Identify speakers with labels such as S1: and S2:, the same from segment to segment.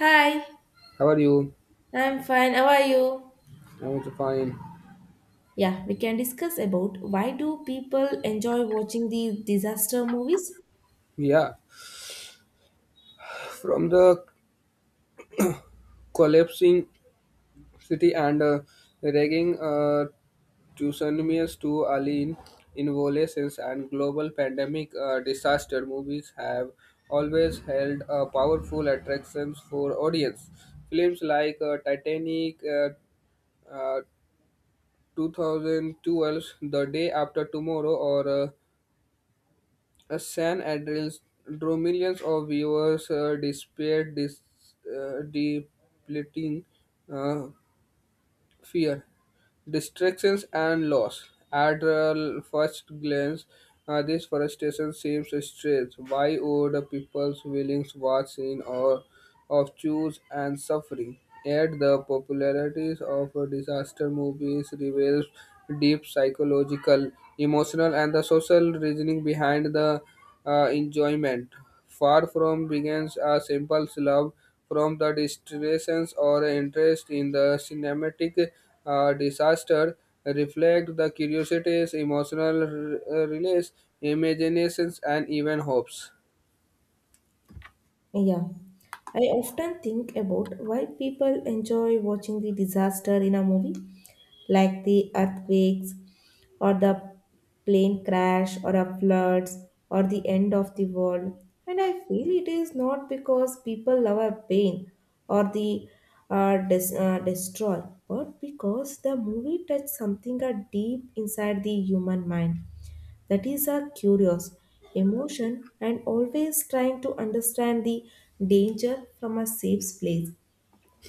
S1: Hi,
S2: How are you?
S1: I'm fine. How are you?
S2: I'm also fine.
S1: Yeah, we can discuss about why do people enjoy watching the disaster movies?
S2: Yeah, from the collapsing city and raging tsunamis to alien involutions and global pandemic disaster, movies have always held powerful attractions for audience. Films like Titanic, uh, 2012, The Day After Tomorrow, or San Andreas drew millions of viewers despite this depleting uh, fear, distractions, and loss. At first glance, this frustration seems strange. Why would a people's willings watch in or of choose and suffering? Yet the popularity of disaster movies reveals deep psychological, emotional, and the social reasoning behind the enjoyment. Far from begins a simple love, from the distractions or interest in the cinematic disaster, reflect the curiosities, emotional release, imaginations, and even hopes.
S1: Yeah. I often think about why people enjoy watching the disaster in a movie, like the earthquakes, or the plane crash or a floods or the end of the world, and I feel it is not because people love a pain or the destroy, but because the movie touched something deep inside the human mind. That is a curious emotion and always trying to understand the danger from a safe place.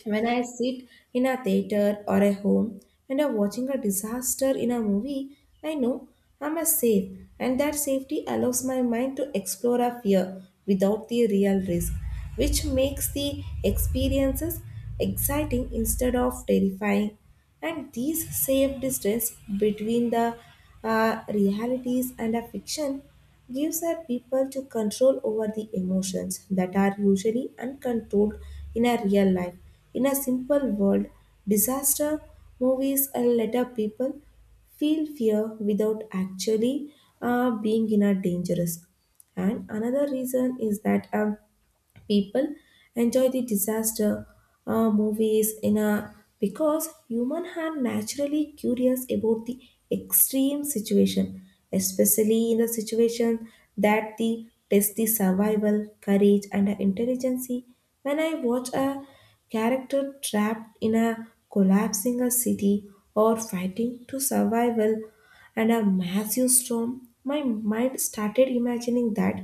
S1: When I sit in a theater or a home and I'm watching a disaster in a movie, I know I'm a safe, and that safety allows my mind to explore a fear without the real risk, which makes the experiences exciting instead of terrifying. And these safe distance between the realities and a fiction gives our people to control over the emotions that are usually uncontrolled in a real life. In a simple world, disaster movies and let our people feel fear without actually being in a dangerous. And another reason is that people enjoy the disaster movies in a because human are naturally curious about the extreme situation, especially in the situation that the test the survival courage and the intelligence. When I watch a character trapped in a collapsing a city or fighting to survival and a massive storm, my mind started imagining that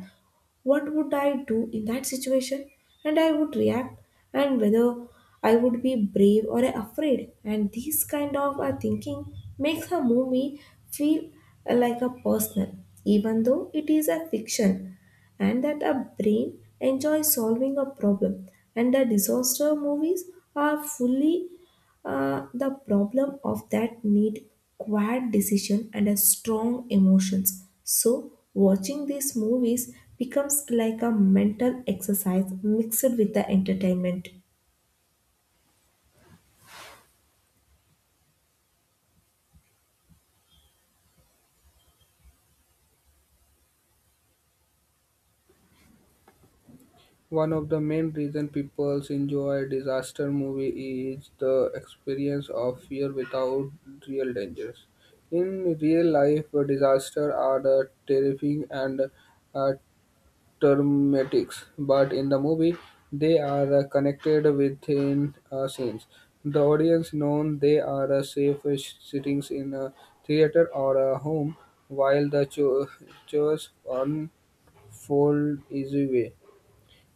S1: what would I do in that situation? And I would react, and whether I would be brave or afraid. And this kind of thinking makes a movie feel like a personal, even though it is a fiction, and that a brain enjoys solving a problem. And the disaster movies are fully the problem of that need quiet decision and a strong emotions. So watching these movies becomes like a mental exercise mixed with the entertainment.
S2: One of the main reasons people enjoy disaster movie is the experience of fear without real dangers. In real life, disasters are the terrifying and uh, termitics, but in the movie they are connected within a scene. The audience knows they are safe sitting in a theater or a home while the chores unfold is way.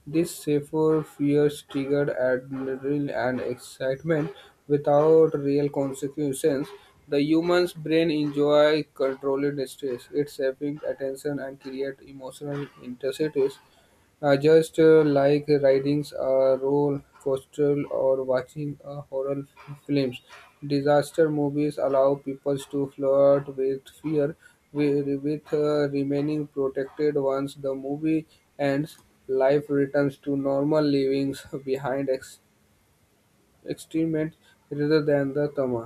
S2: This safer fears triggered adrenaline and excitement without real consequences. The human's brain enjoy controlled stress. It shaping attention and create emotional intensities just like riding a roller coaster or watching a horror films, disaster movies allow people to flirt with fear, with remaining protected once the movie ends. Life returns to normal livings behind extreme rather than the trauma.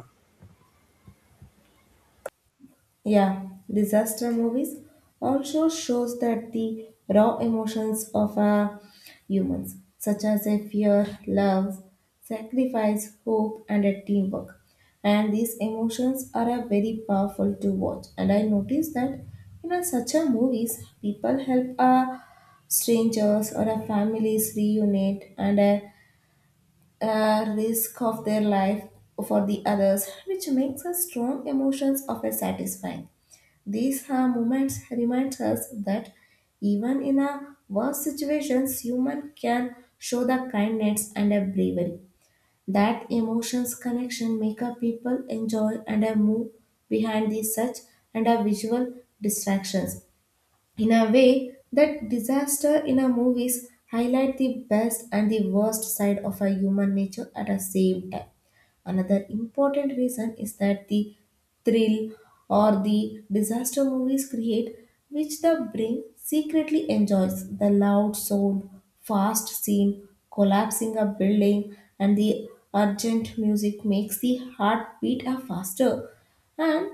S1: Yeah, disaster movies also shows that the raw emotions of our humans, such as a fear, love, sacrifice, hope, and a teamwork. And these emotions are a very powerful to watch. And I noticed that in a such a movies, people help a strangers or a families reunite and a risk of their life for the others, which makes a strong emotions of a satisfying. These moments remind us that even in a worse situations, human can show the kindness and a bravery. That emotions connection make a people enjoy and a move behind the such and a visual distractions in a way that disaster in a movies highlight the best and the worst side of a human nature at the same time. Another important reason is that the thrill or the disaster movies create, which the brain secretly enjoys the loud sound, fast scene, collapsing a building, and the urgent music makes the heart beat a faster, and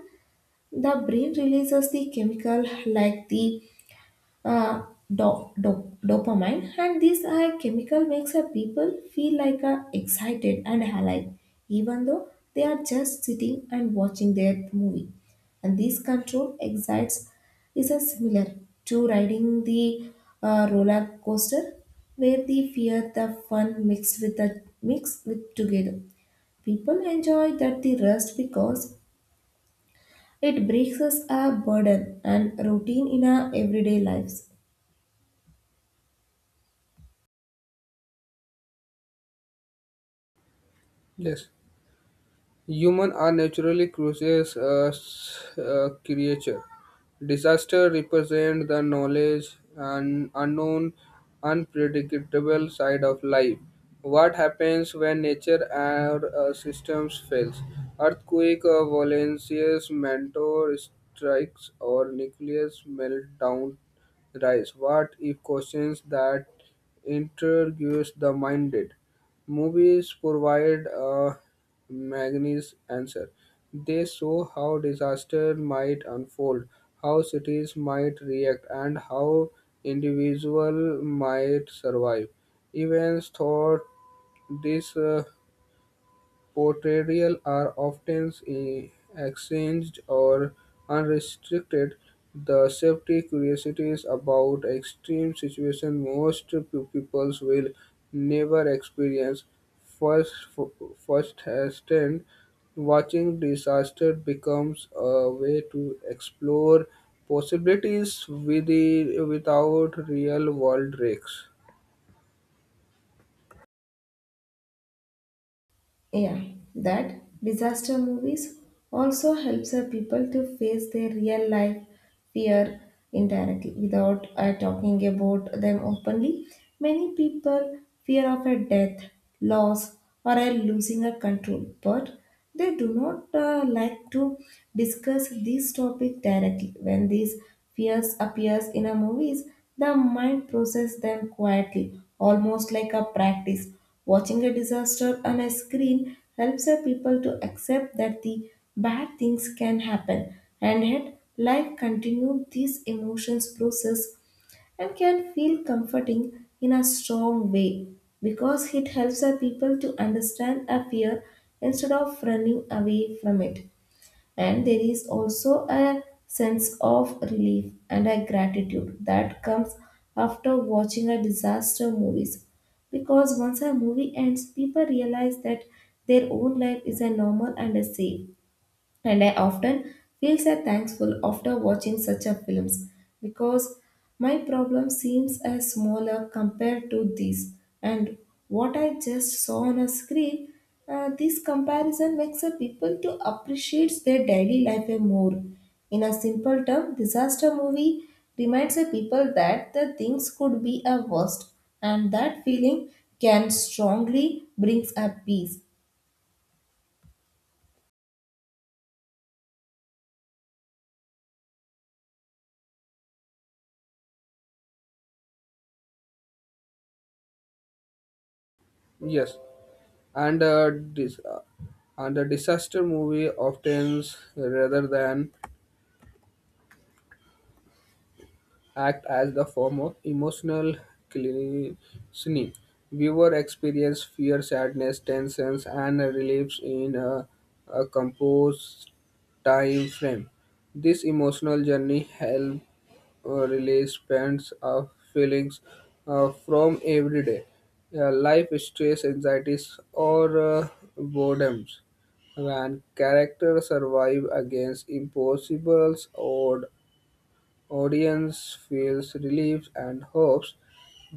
S1: the brain releases the chemical like the uh, dopamine, and these are chemical makes a people feel like excited and alive, even though they are just sitting and watching their movie. And this control excites is a similar to riding the roller coaster, where the fear, the fun mixed with the mixed with together. People enjoy that the rest because it breaks us a burden and routine in our everyday lives.
S2: Yes. Humans are naturally curious creature. Disaster represent the knowledge and unknown, unpredictable side of life. What happens when nature or systems fails? Earthquake, volcanoes, meteor strikes, or nuclear meltdown rise. What if questions that interrogates the minded? Movies provide a Magni's answer. They show how disaster might unfold, how cities might react, and how individuals might survive. Evans thought this portrayals are often exchanged or unrestricted; the safety curiosities about extreme situations most people will never experience First, firsthand. Watching disaster becomes a way to explore possibilities without real-world risks.
S1: Yeah, that disaster movies also helps our people to face their real life fear indirectly without talking about them openly. Many people fear of a death, loss, or a losing a control, but they do not like to discuss this topic directly. When these fears appears in a movies, the mind process them quietly, almost like a practice. Watching a disaster on a screen helps our people to accept that the bad things can happen, and yet life continues. These emotions process and can feel comforting in a strong way, because it helps our people to understand a fear instead of running away from it. And there is also a sense of relief and a gratitude that comes after watching a disaster movies, because once a movie ends, people realize that their own life is a normal and a safe. And I often feel so thankful after watching such a films, because my problem seems as smaller compared to these and what I just saw on a screen. This comparison makes a people to appreciate their daily life a more. In a simple term, disaster movie reminds the people that the things could be a worst, and that feeling can strongly brings a peace.
S2: Yes. and a dis- uh, and a disaster movie often rather than act as the form of emotional cleansing viewer experience fear sadness tensions and reliefs in a composed time frame this emotional journey help. Release pent up feelings from everyday life stress, anxieties, or boredoms. When characters survive against impossibles or. Audience feels relief and hopes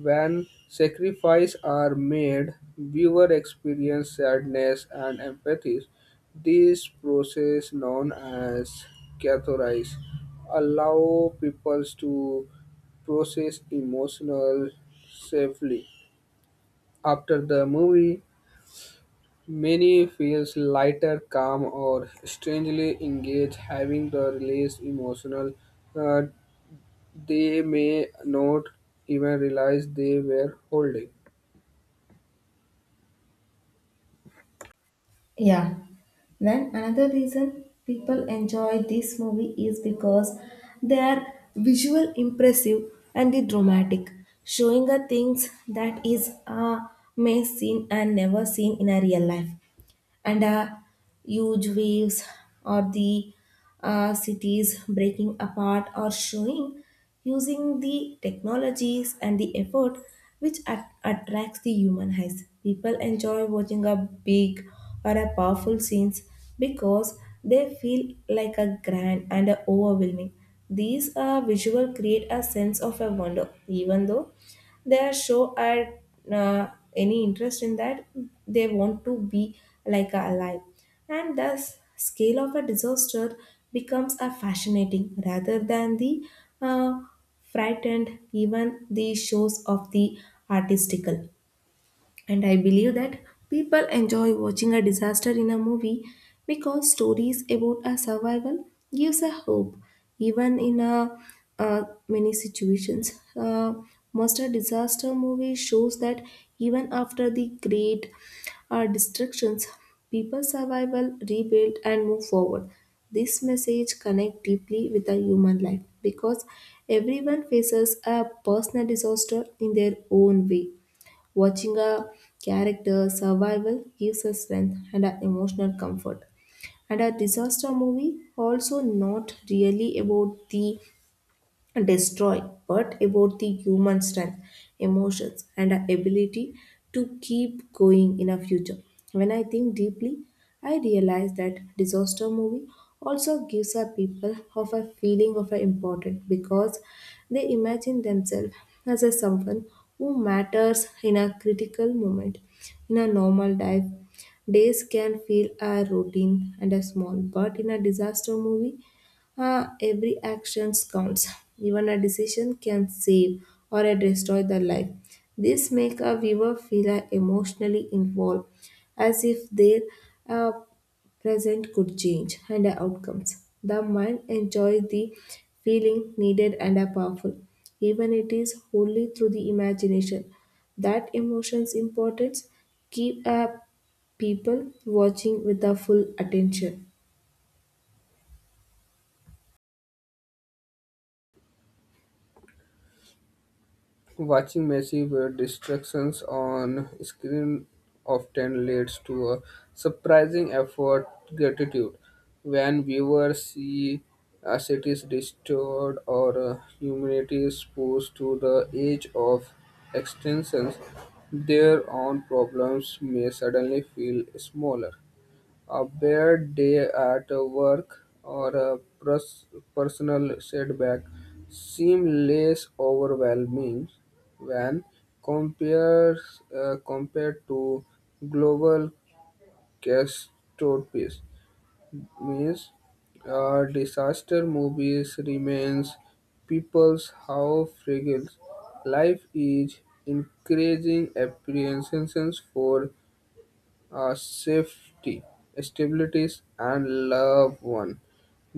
S2: when sacrifices are made. Viewer experience sadness and empathy. This process, known as catharsis, allow people to process emotional safely. After the movie, many feels lighter, calm, or strangely engaged, having the released emotional uh, they may not even realize they were holding.
S1: Yeah. Then another reason people enjoy this movie is because they are visual impressive and the dramatic, showing us things that is a may seen and never seen in a real life, and huge waves or the cities breaking apart or showing using the technologies and the effort, which attracts the human eyes. People enjoy watching a big or a powerful scenes because they feel like a grand and a overwhelming. These visual create a sense of a wonder, even though they show at any interest in that they want to be like alive, and thus scale of a disaster becomes a fascinating rather than the uh, frightened even the shows of the artistical. And I believe that people enjoy watching a disaster in a movie because stories about a survival gives a hope, even in a, many situations. Most a disaster movie shows that even after the great destructions, people survival, rebuild, and move forward. This message connect deeply with a human life because everyone faces a personal disaster in their own way. Watching a character survival gives us strength and a emotional comfort. And a disaster movie also not really about the destroy, but about the human strength, emotions, and our ability to keep going in our future. When I think deeply, I realize that disaster movie also gives our people of a feeling of importance because they imagine themselves as a someone who matters in a critical moment. In a normal life, days can feel a routine and a small, but in a disaster movie, ah, every action counts. Even a decision can save or destroy the life. This make a viewer feel emotionally involved, as if their uh, present could change and the outcomes. The mind enjoys the feeling needed and powerful, even it is wholly through the imagination. That emotion's importance keep people watching with a full attention.
S2: Watching massive distractions on screen often leads to a surprising effort gratitude. When viewers see a city's restored or humanity is pushed to the edge of extinction, their own problems may suddenly feel smaller. A bad day at work or a personal setback seem less overwhelming when compared, compared to global catastrophes. Means disaster movies remains people's how fragile life is, increasing apprehensions for safety, stabilities, and loved one.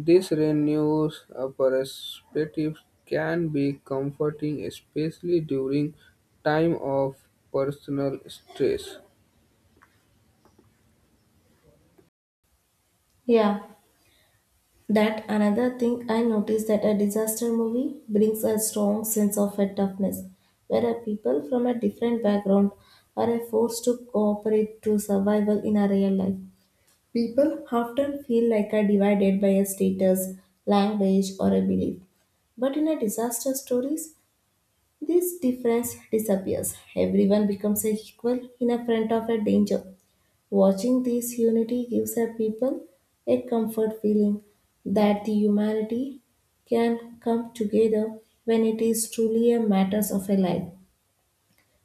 S2: This renews a perspective can be comforting, especially during time of personal stress.
S1: Yeah. That another thing I noticed that a disaster movie brings a strong sense of a toughness, where a people from a different background are forced to cooperate to survival in a real life. People often feel like are divided by a status, language, or a belief. But in a disaster stories, this difference disappears. Everyone becomes a equal in a front of a danger. Watching this unity gives our people a comfort feeling that the humanity can come together when it is truly a matter of a life.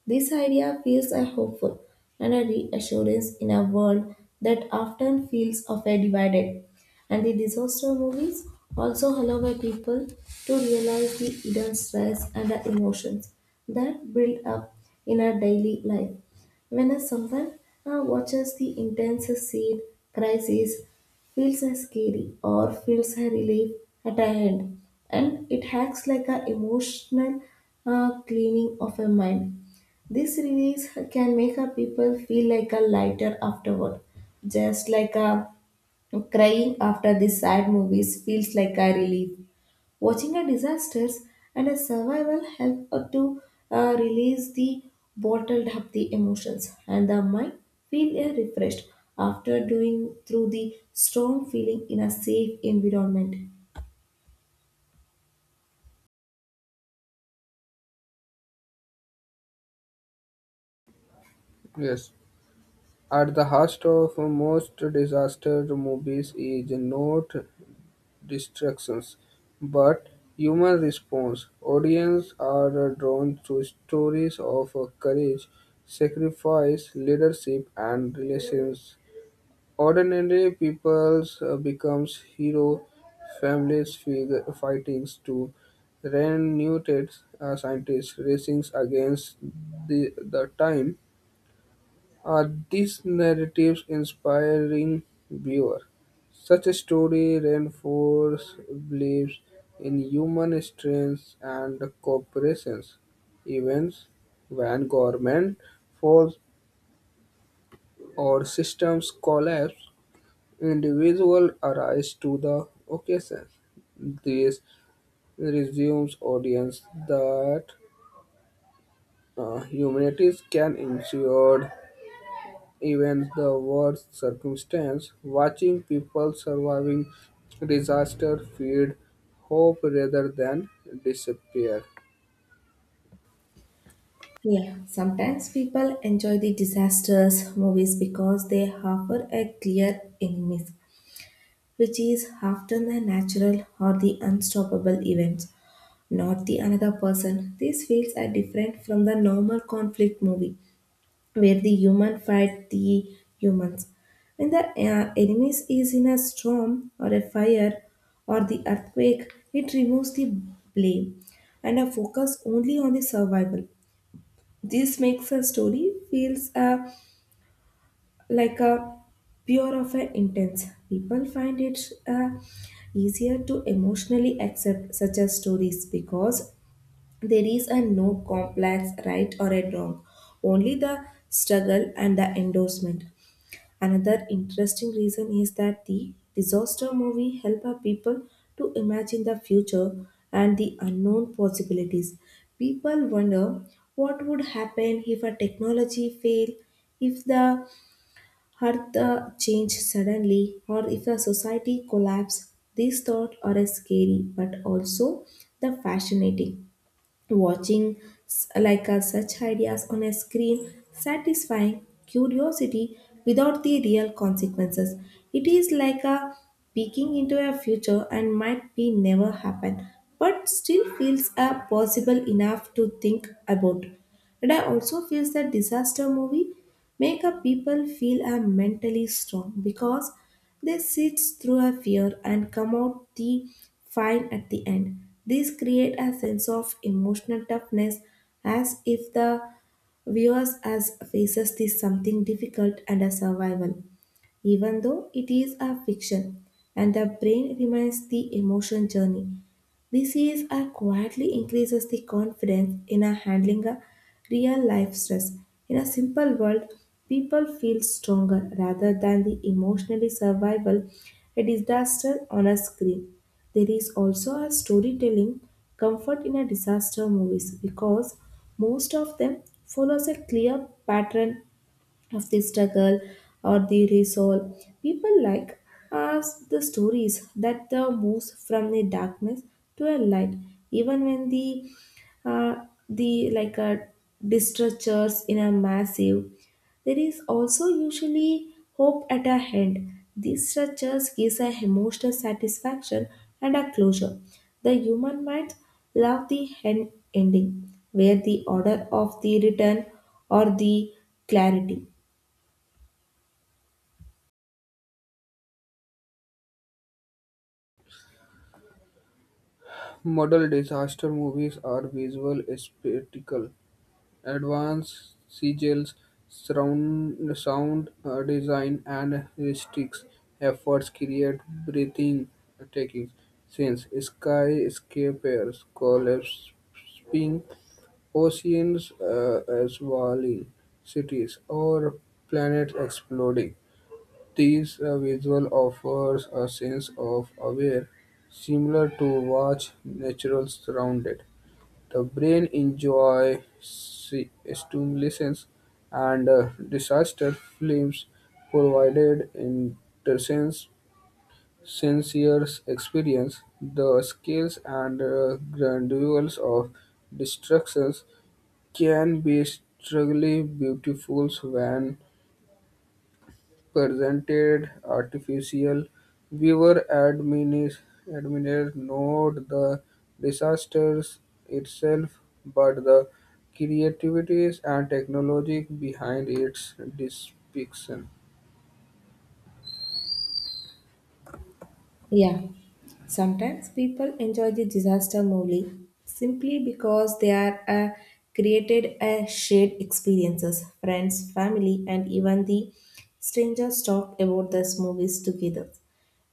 S1: This idea feels a hopeful and a reassurance in a world that often feels of a divided. And the disaster movies also allow a people to realize the hidden stress and the emotions that build up in our daily life. When a someone watches the intense scene, crisis, feels a scary or feels a relief at a end, and it acts like a emotional cleaning of a mind. This release can make a people feel like a lighter afterward, just like a crying after the sad movies feels like a relief. Watching a disasters and a survival help to release the bottled up the emotions, and the mind feel refreshed after doing through the strong feeling in a safe environment.
S2: Yes, at the heart of most disaster movies is not distractions, but human response. Audiences are drawn to stories of courage, sacrifice, leadership, and relations. Ordinary people becomes hero, families figure, fightings to renewed scientists racing against the time are these narratives inspiring viewer? Such a story reinforces beliefs in human strength and cooperation, events when government falls or systems collapse, individual arise to the occasion. This resumes audience that humanities can endure even the worst circumstance, watching people surviving disaster feed hope rather than despair.
S1: Yeah, sometimes people enjoy the disasters movies because they harbor a clear enemies, which is often the natural or the unstoppable events, not the another person. These fields are different from the normal conflict movie, where the human fight the humans. When the enemies is in a storm or a fire or the earthquake, it removes the blame and a focus only on the survival. This makes a story feels like a pure of an intense. People find it uh, easier to emotionally accept such as stories because there is a no complex right or a wrong, only the struggle and the endorsement. Another interesting reason is that the disaster movie help our people to imagine the future and the unknown possibilities. People wonder what would happen if a technology fail, if the had the change suddenly, or if a society collapse. These thoughts are scary but also the fascinating. Watching such ideas on a screen satisfying curiosity without the real consequences. It is like a peeking into a future and might be never happen but still feels possible enough to think about. And I also feel that disaster movie make up people feel I'm mentally strong because they sit through a fear and come out the fine at the end. This create a sense of emotional toughness, as if the viewers as faces this something difficult and a survival, even though it is a fiction and the brain remains the emotion journey. Disease are quietly increases the confidence in a handling a real life stress. In a simple world, people feel stronger rather than the emotionally survival a disaster on a screen. There is also a storytelling comfort in a disaster movies because most of them follows a clear pattern of the struggle or the resolve. People like us the stories that the moves from the darkness to a light, even when uh, the like a distractors in a massive. There is also usually hope at a hand. These structures gives a emotional satisfaction and a closure. The human mind love the hand ending, where the order of the return or the clarity.
S2: Model disaster movies are visual spectacle advanced seagulls surround, sound design and heuristics efforts create breathing techniques since skyscrapers collapsing oceans swallowing cities or planets exploding these visual offers a sense of aware, similar to watch natural surrounded. The brain enjoy stimulation and disaster films provided intense sensuous experience. The scales and graduals of destructions can be struggling beautiful when presented artificial viewer admirers not the disasters itself but the creativities and technology behind its depiction.
S1: Yeah. Sometimes people enjoy the disaster movie simply because they are created a shared experiences. Friends, family, and even the strangers talk about these movies together.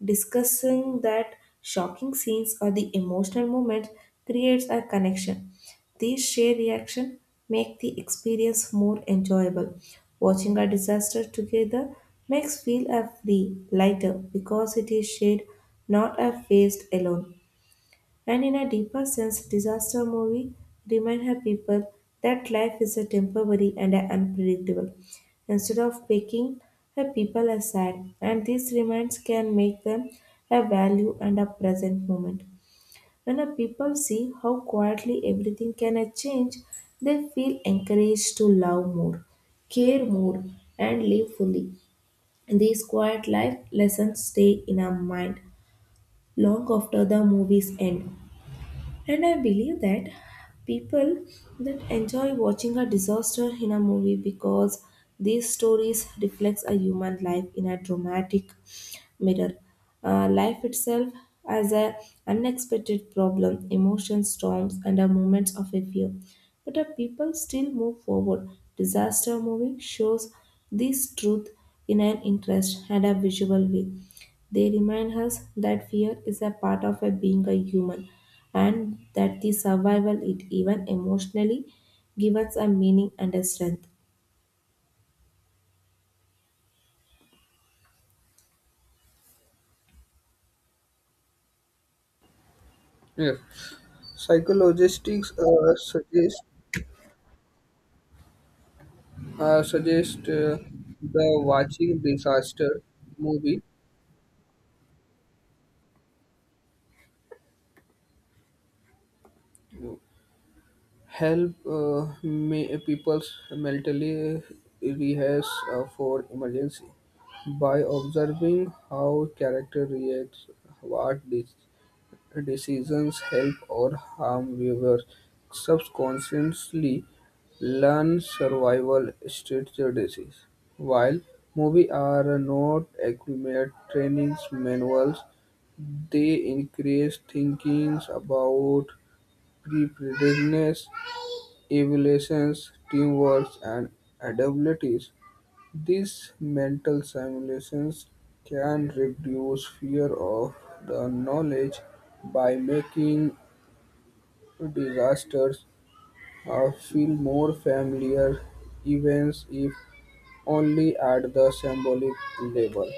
S1: Discussing that shocking scenes or the emotional moments creates a connection. These shared reactions make the experience more enjoyable. Watching a disaster together makes feel a free, lighter because it is shared, not a faced alone. And in a deeper sense, disaster movie remind her people that life is a temporary and a unpredictable. Instead of picking her people aside, and these reminds can make them a value and a present moment. When a people see how quietly everything can a change, they feel encouraged to love more, care more, and live fully. These quiet life lessons stay in our mind long after the movies end. And I believe that people that enjoy watching a disaster in a movie because these stories reflects a human life in a dramatic mirror. Life itself as a unexpected problem, emotions, storms, and a moments of a fear. But a people still move forward. Disaster movie shows this truth in an interest and a visual way. They remind us that fear is a part of a being a human and that the survival it even emotionally gives us a meaning and a strength.
S2: Yes. Psychologists suggest the watching disaster movie help people's mentally rehearse for emergency by observing how character reacts, what decisions help or harm viewers subconsciously learn survival strategies. While movies are not accurate training manuals, they increase thinkings about preparedness evaluations, teamwork, and adaptabilities. These mental simulations can reduce fear of the knowledge by making disasters feel more familiar events if only at the symbolic level.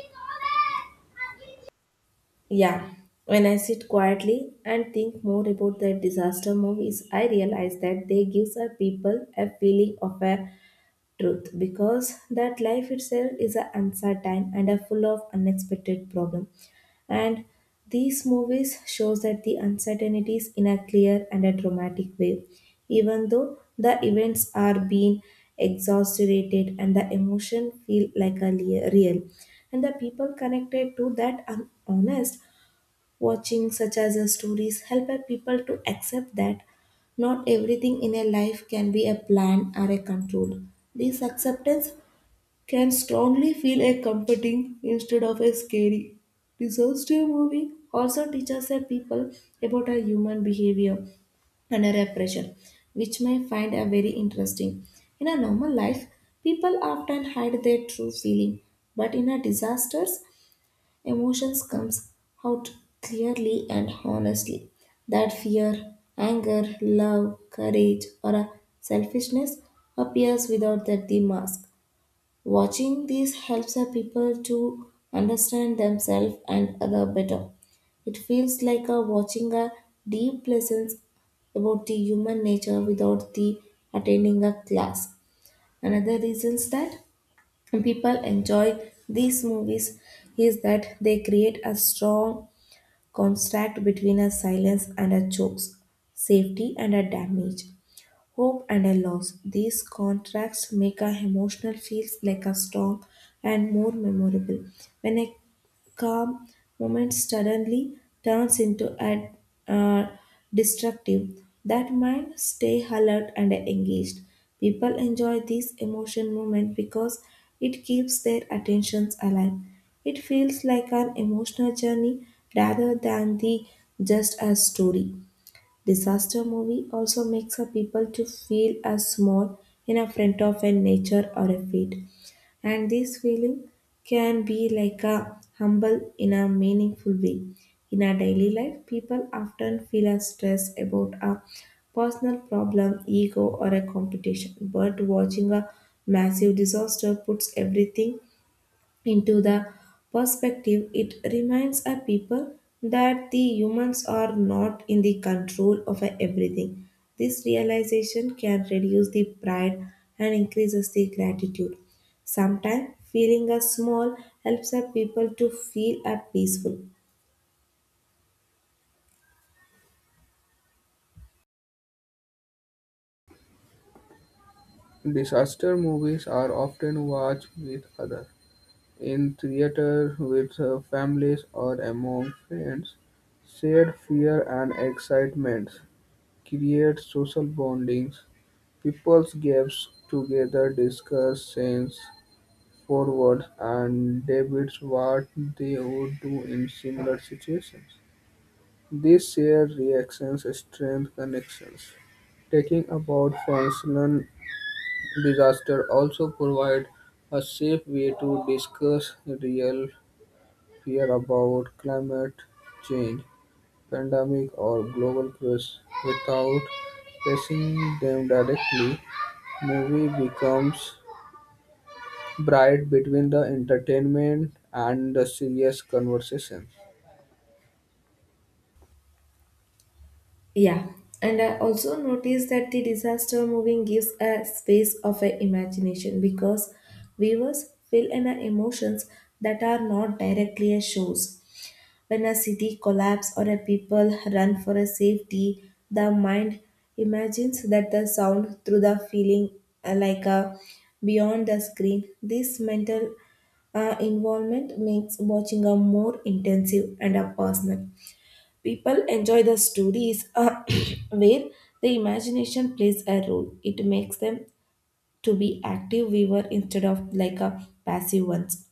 S1: Yeah, when I sit quietly and think more about the disaster movies, I realize that they gives our people a feeling of a truth because that life itself is a uncertain and a full of unexpected problem, and these movies shows that the uncertainties in a clear and a dramatic way, even though the events are being exaggerated and the emotion feel like a real and the people connected to that are honest. Watching such as a stories help a people to accept that not everything in a life can be a plan or a control. This acceptance can strongly feel a comforting instead of a scary. Disaster movie also teaches a people about a human behavior under a pressure, which may find a very interesting. In a normal life, people often hide their true feeling, but in a disasters, emotions comes out clearly and honestly. That fear, anger, love, courage, or a selfishness appears without that the mask. Watching these helps our people to understand themselves and other better. It feels like a watching a deep lessons about the human nature without the attending a class. Another reason is that and people enjoy these movies is that they create a strong contrast between a silence and a chokes, safety and a damage. Hope and a loss. These contrasts make a emotional feels like a storm and more memorable. When a calm moment suddenly turns into a uh, destructive, that mind stay alert and engaged. People enjoy this emotion moment because it keeps their attentions alive. It feels like an emotional journey rather than the just a story. Disaster movie also makes a people to feel as small in a front of a nature or a fate. And this feeling can be like a humble in a meaningful way. In our daily life, people often feel a stress about a personal problem, ego, or a competition. But watching a massive disaster puts everything into the perspective. It reminds a people that the humans are not in the control of everything. This realization can reduce the pride and increases the gratitude. Sometimes feeling a small helps a people to feel a peaceful.
S2: Disaster movies are often watched with others in theater, with families or among friends, shared fear and excitement create social bondings. People gaps together, discuss sense forward, and debates what they would do in similar situations. These shared reactions strengthen connections. Taking about functional disaster also provide a safe way to discuss real fear about climate change, pandemic, or global crisis without facing them directly, movie becomes bright between the entertainment and the serious conversation.
S1: Yeah, and I also noticed that the disaster moving gives a space of a imagination because viewers feel in our emotions that are not directly a shows. When a city collapses or a people run for a safety, the mind imagines that the sound through the feeling like a beyond the screen. This mental involvement makes watching a more intensive and a personal. People enjoy the stories where the imagination plays a role. It makes them to be active viewer instead of like a passive ones.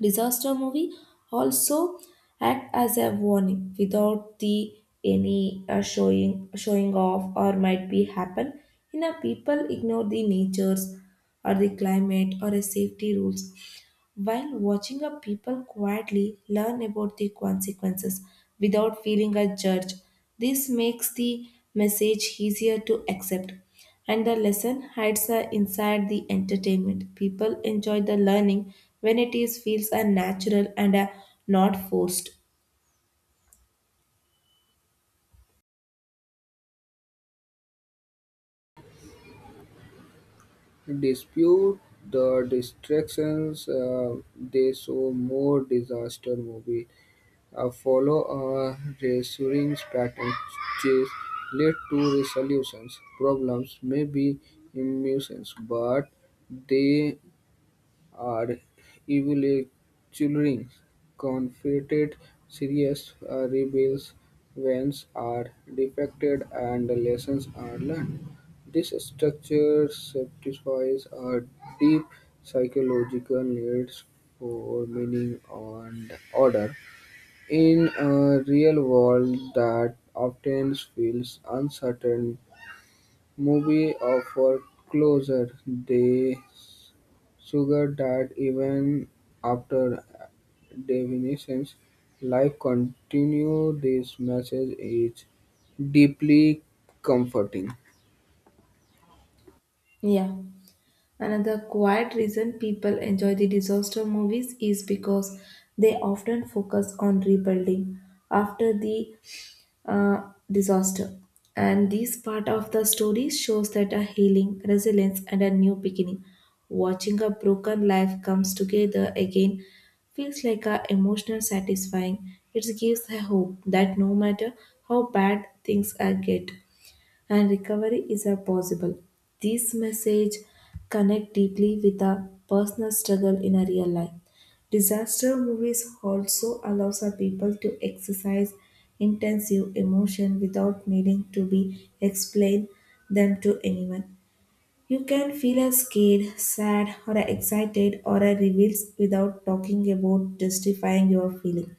S1: Disaster movie also act as a warning without the any showing off or might be happen in a people ignore the natures or the climate or a safety rules. While watching, a people quietly learn about the consequences without feeling a judge. This makes the message easier to accept. And the lesson hides inside the entertainment. People enjoy the learning when it is feels are natural and not forced.
S2: Dispute the distractions, they show more disaster movie follow a recurring pattern, which leads to resolutions. Problems may be immense, but they are evolutionary. Confronted serious rebels events are defected and lessons are learned. This structure satisfies a deep psychological needs for meaning and order. In a real world that often feels uncertain, movies offer closure. They suggest that even after definitions, life continues. This message is deeply comforting.
S1: Yeah. Another quiet reason people enjoy the disaster movies is because they often focus on rebuilding after the disaster. And this part of the story shows that a healing, resilience, and a new beginning. Watching a broken life comes together again feels like a emotional satisfying. It gives a hope that no matter how bad things are get, and recovery is a possible. This message connect deeply with a personal struggle in a real life. Disaster movies also allows our people to exercise intensive emotion without needing to be explained them to anyone. You can feel a scared, sad, or a excited or a reveals without talking about justifying your feeling.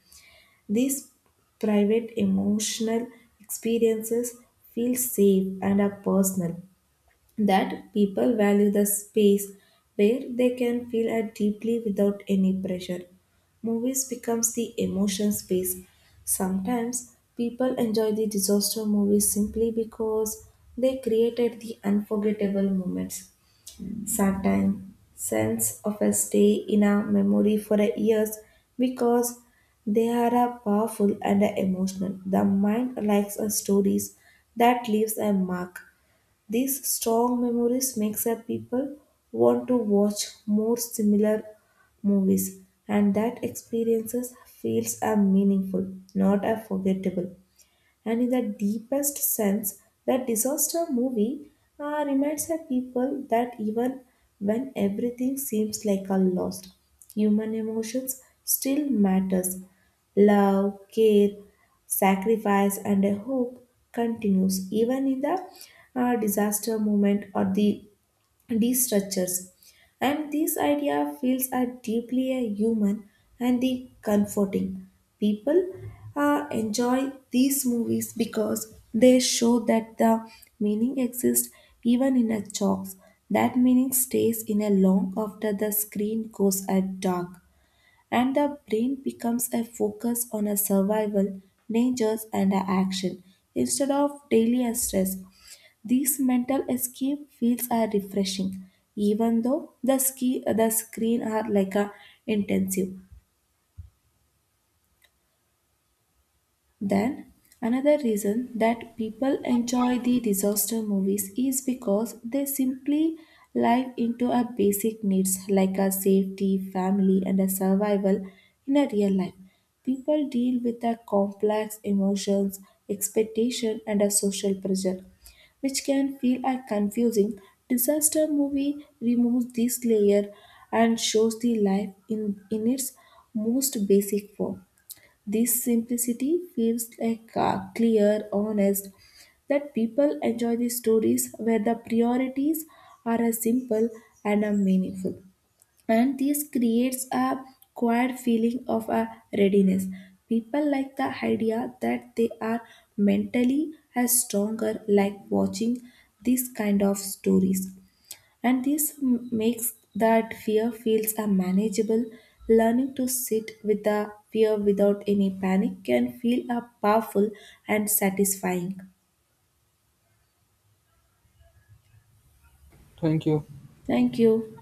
S1: These private emotional experiences feel safe and are personal, that people value the space where they can feel at deeply without any pressure. Movies becomes the emotion space. Sometimes people enjoy the disaster movies simply because they created the unforgettable moments. Sometimes scents of a stay in our memory for a years because they are a powerful and a emotional. The mind likes a stories that leaves a mark. These strong memories makes a people want to watch more similar movies and that experiences feels a meaningful, not a forgettable. And in the deepest sense, that disaster movie reminds the people that even when everything seems like a lost, human emotions still matters. Love, care, sacrifice, and a hope continues even in the disaster moment or the these structures. And this idea feels are deeply a human and the comforting. People enjoy these movies because they show that the meaning exists even in a chalks. That meaning stays in a long after the screen goes at dark and the brain becomes a focus on a survival, dangers, and a action instead of daily stress. These mental escape fields are refreshing, even though the ski the screen are like a intensive. Then, another reason that people enjoy the disaster movies is because they simply live into our basic needs like our safety, family, and a survival in a real life. People deal with our complex emotions, expectation, and a social pressure, which can feel are confusing. Disaster movie removes this layer and shows the life in its most basic form. This simplicity feels like clear, honest, that people enjoy the stories where the priorities are as simple and are meaningful. And this creates a quiet feeling of a readiness. People like the idea that they are mentally as stronger like watching these kind of stories. And this makes that fear feels a manageable. Learning to sit with the fear without any panic can feel a powerful and satisfying.
S2: Thank you.
S1: Thank you.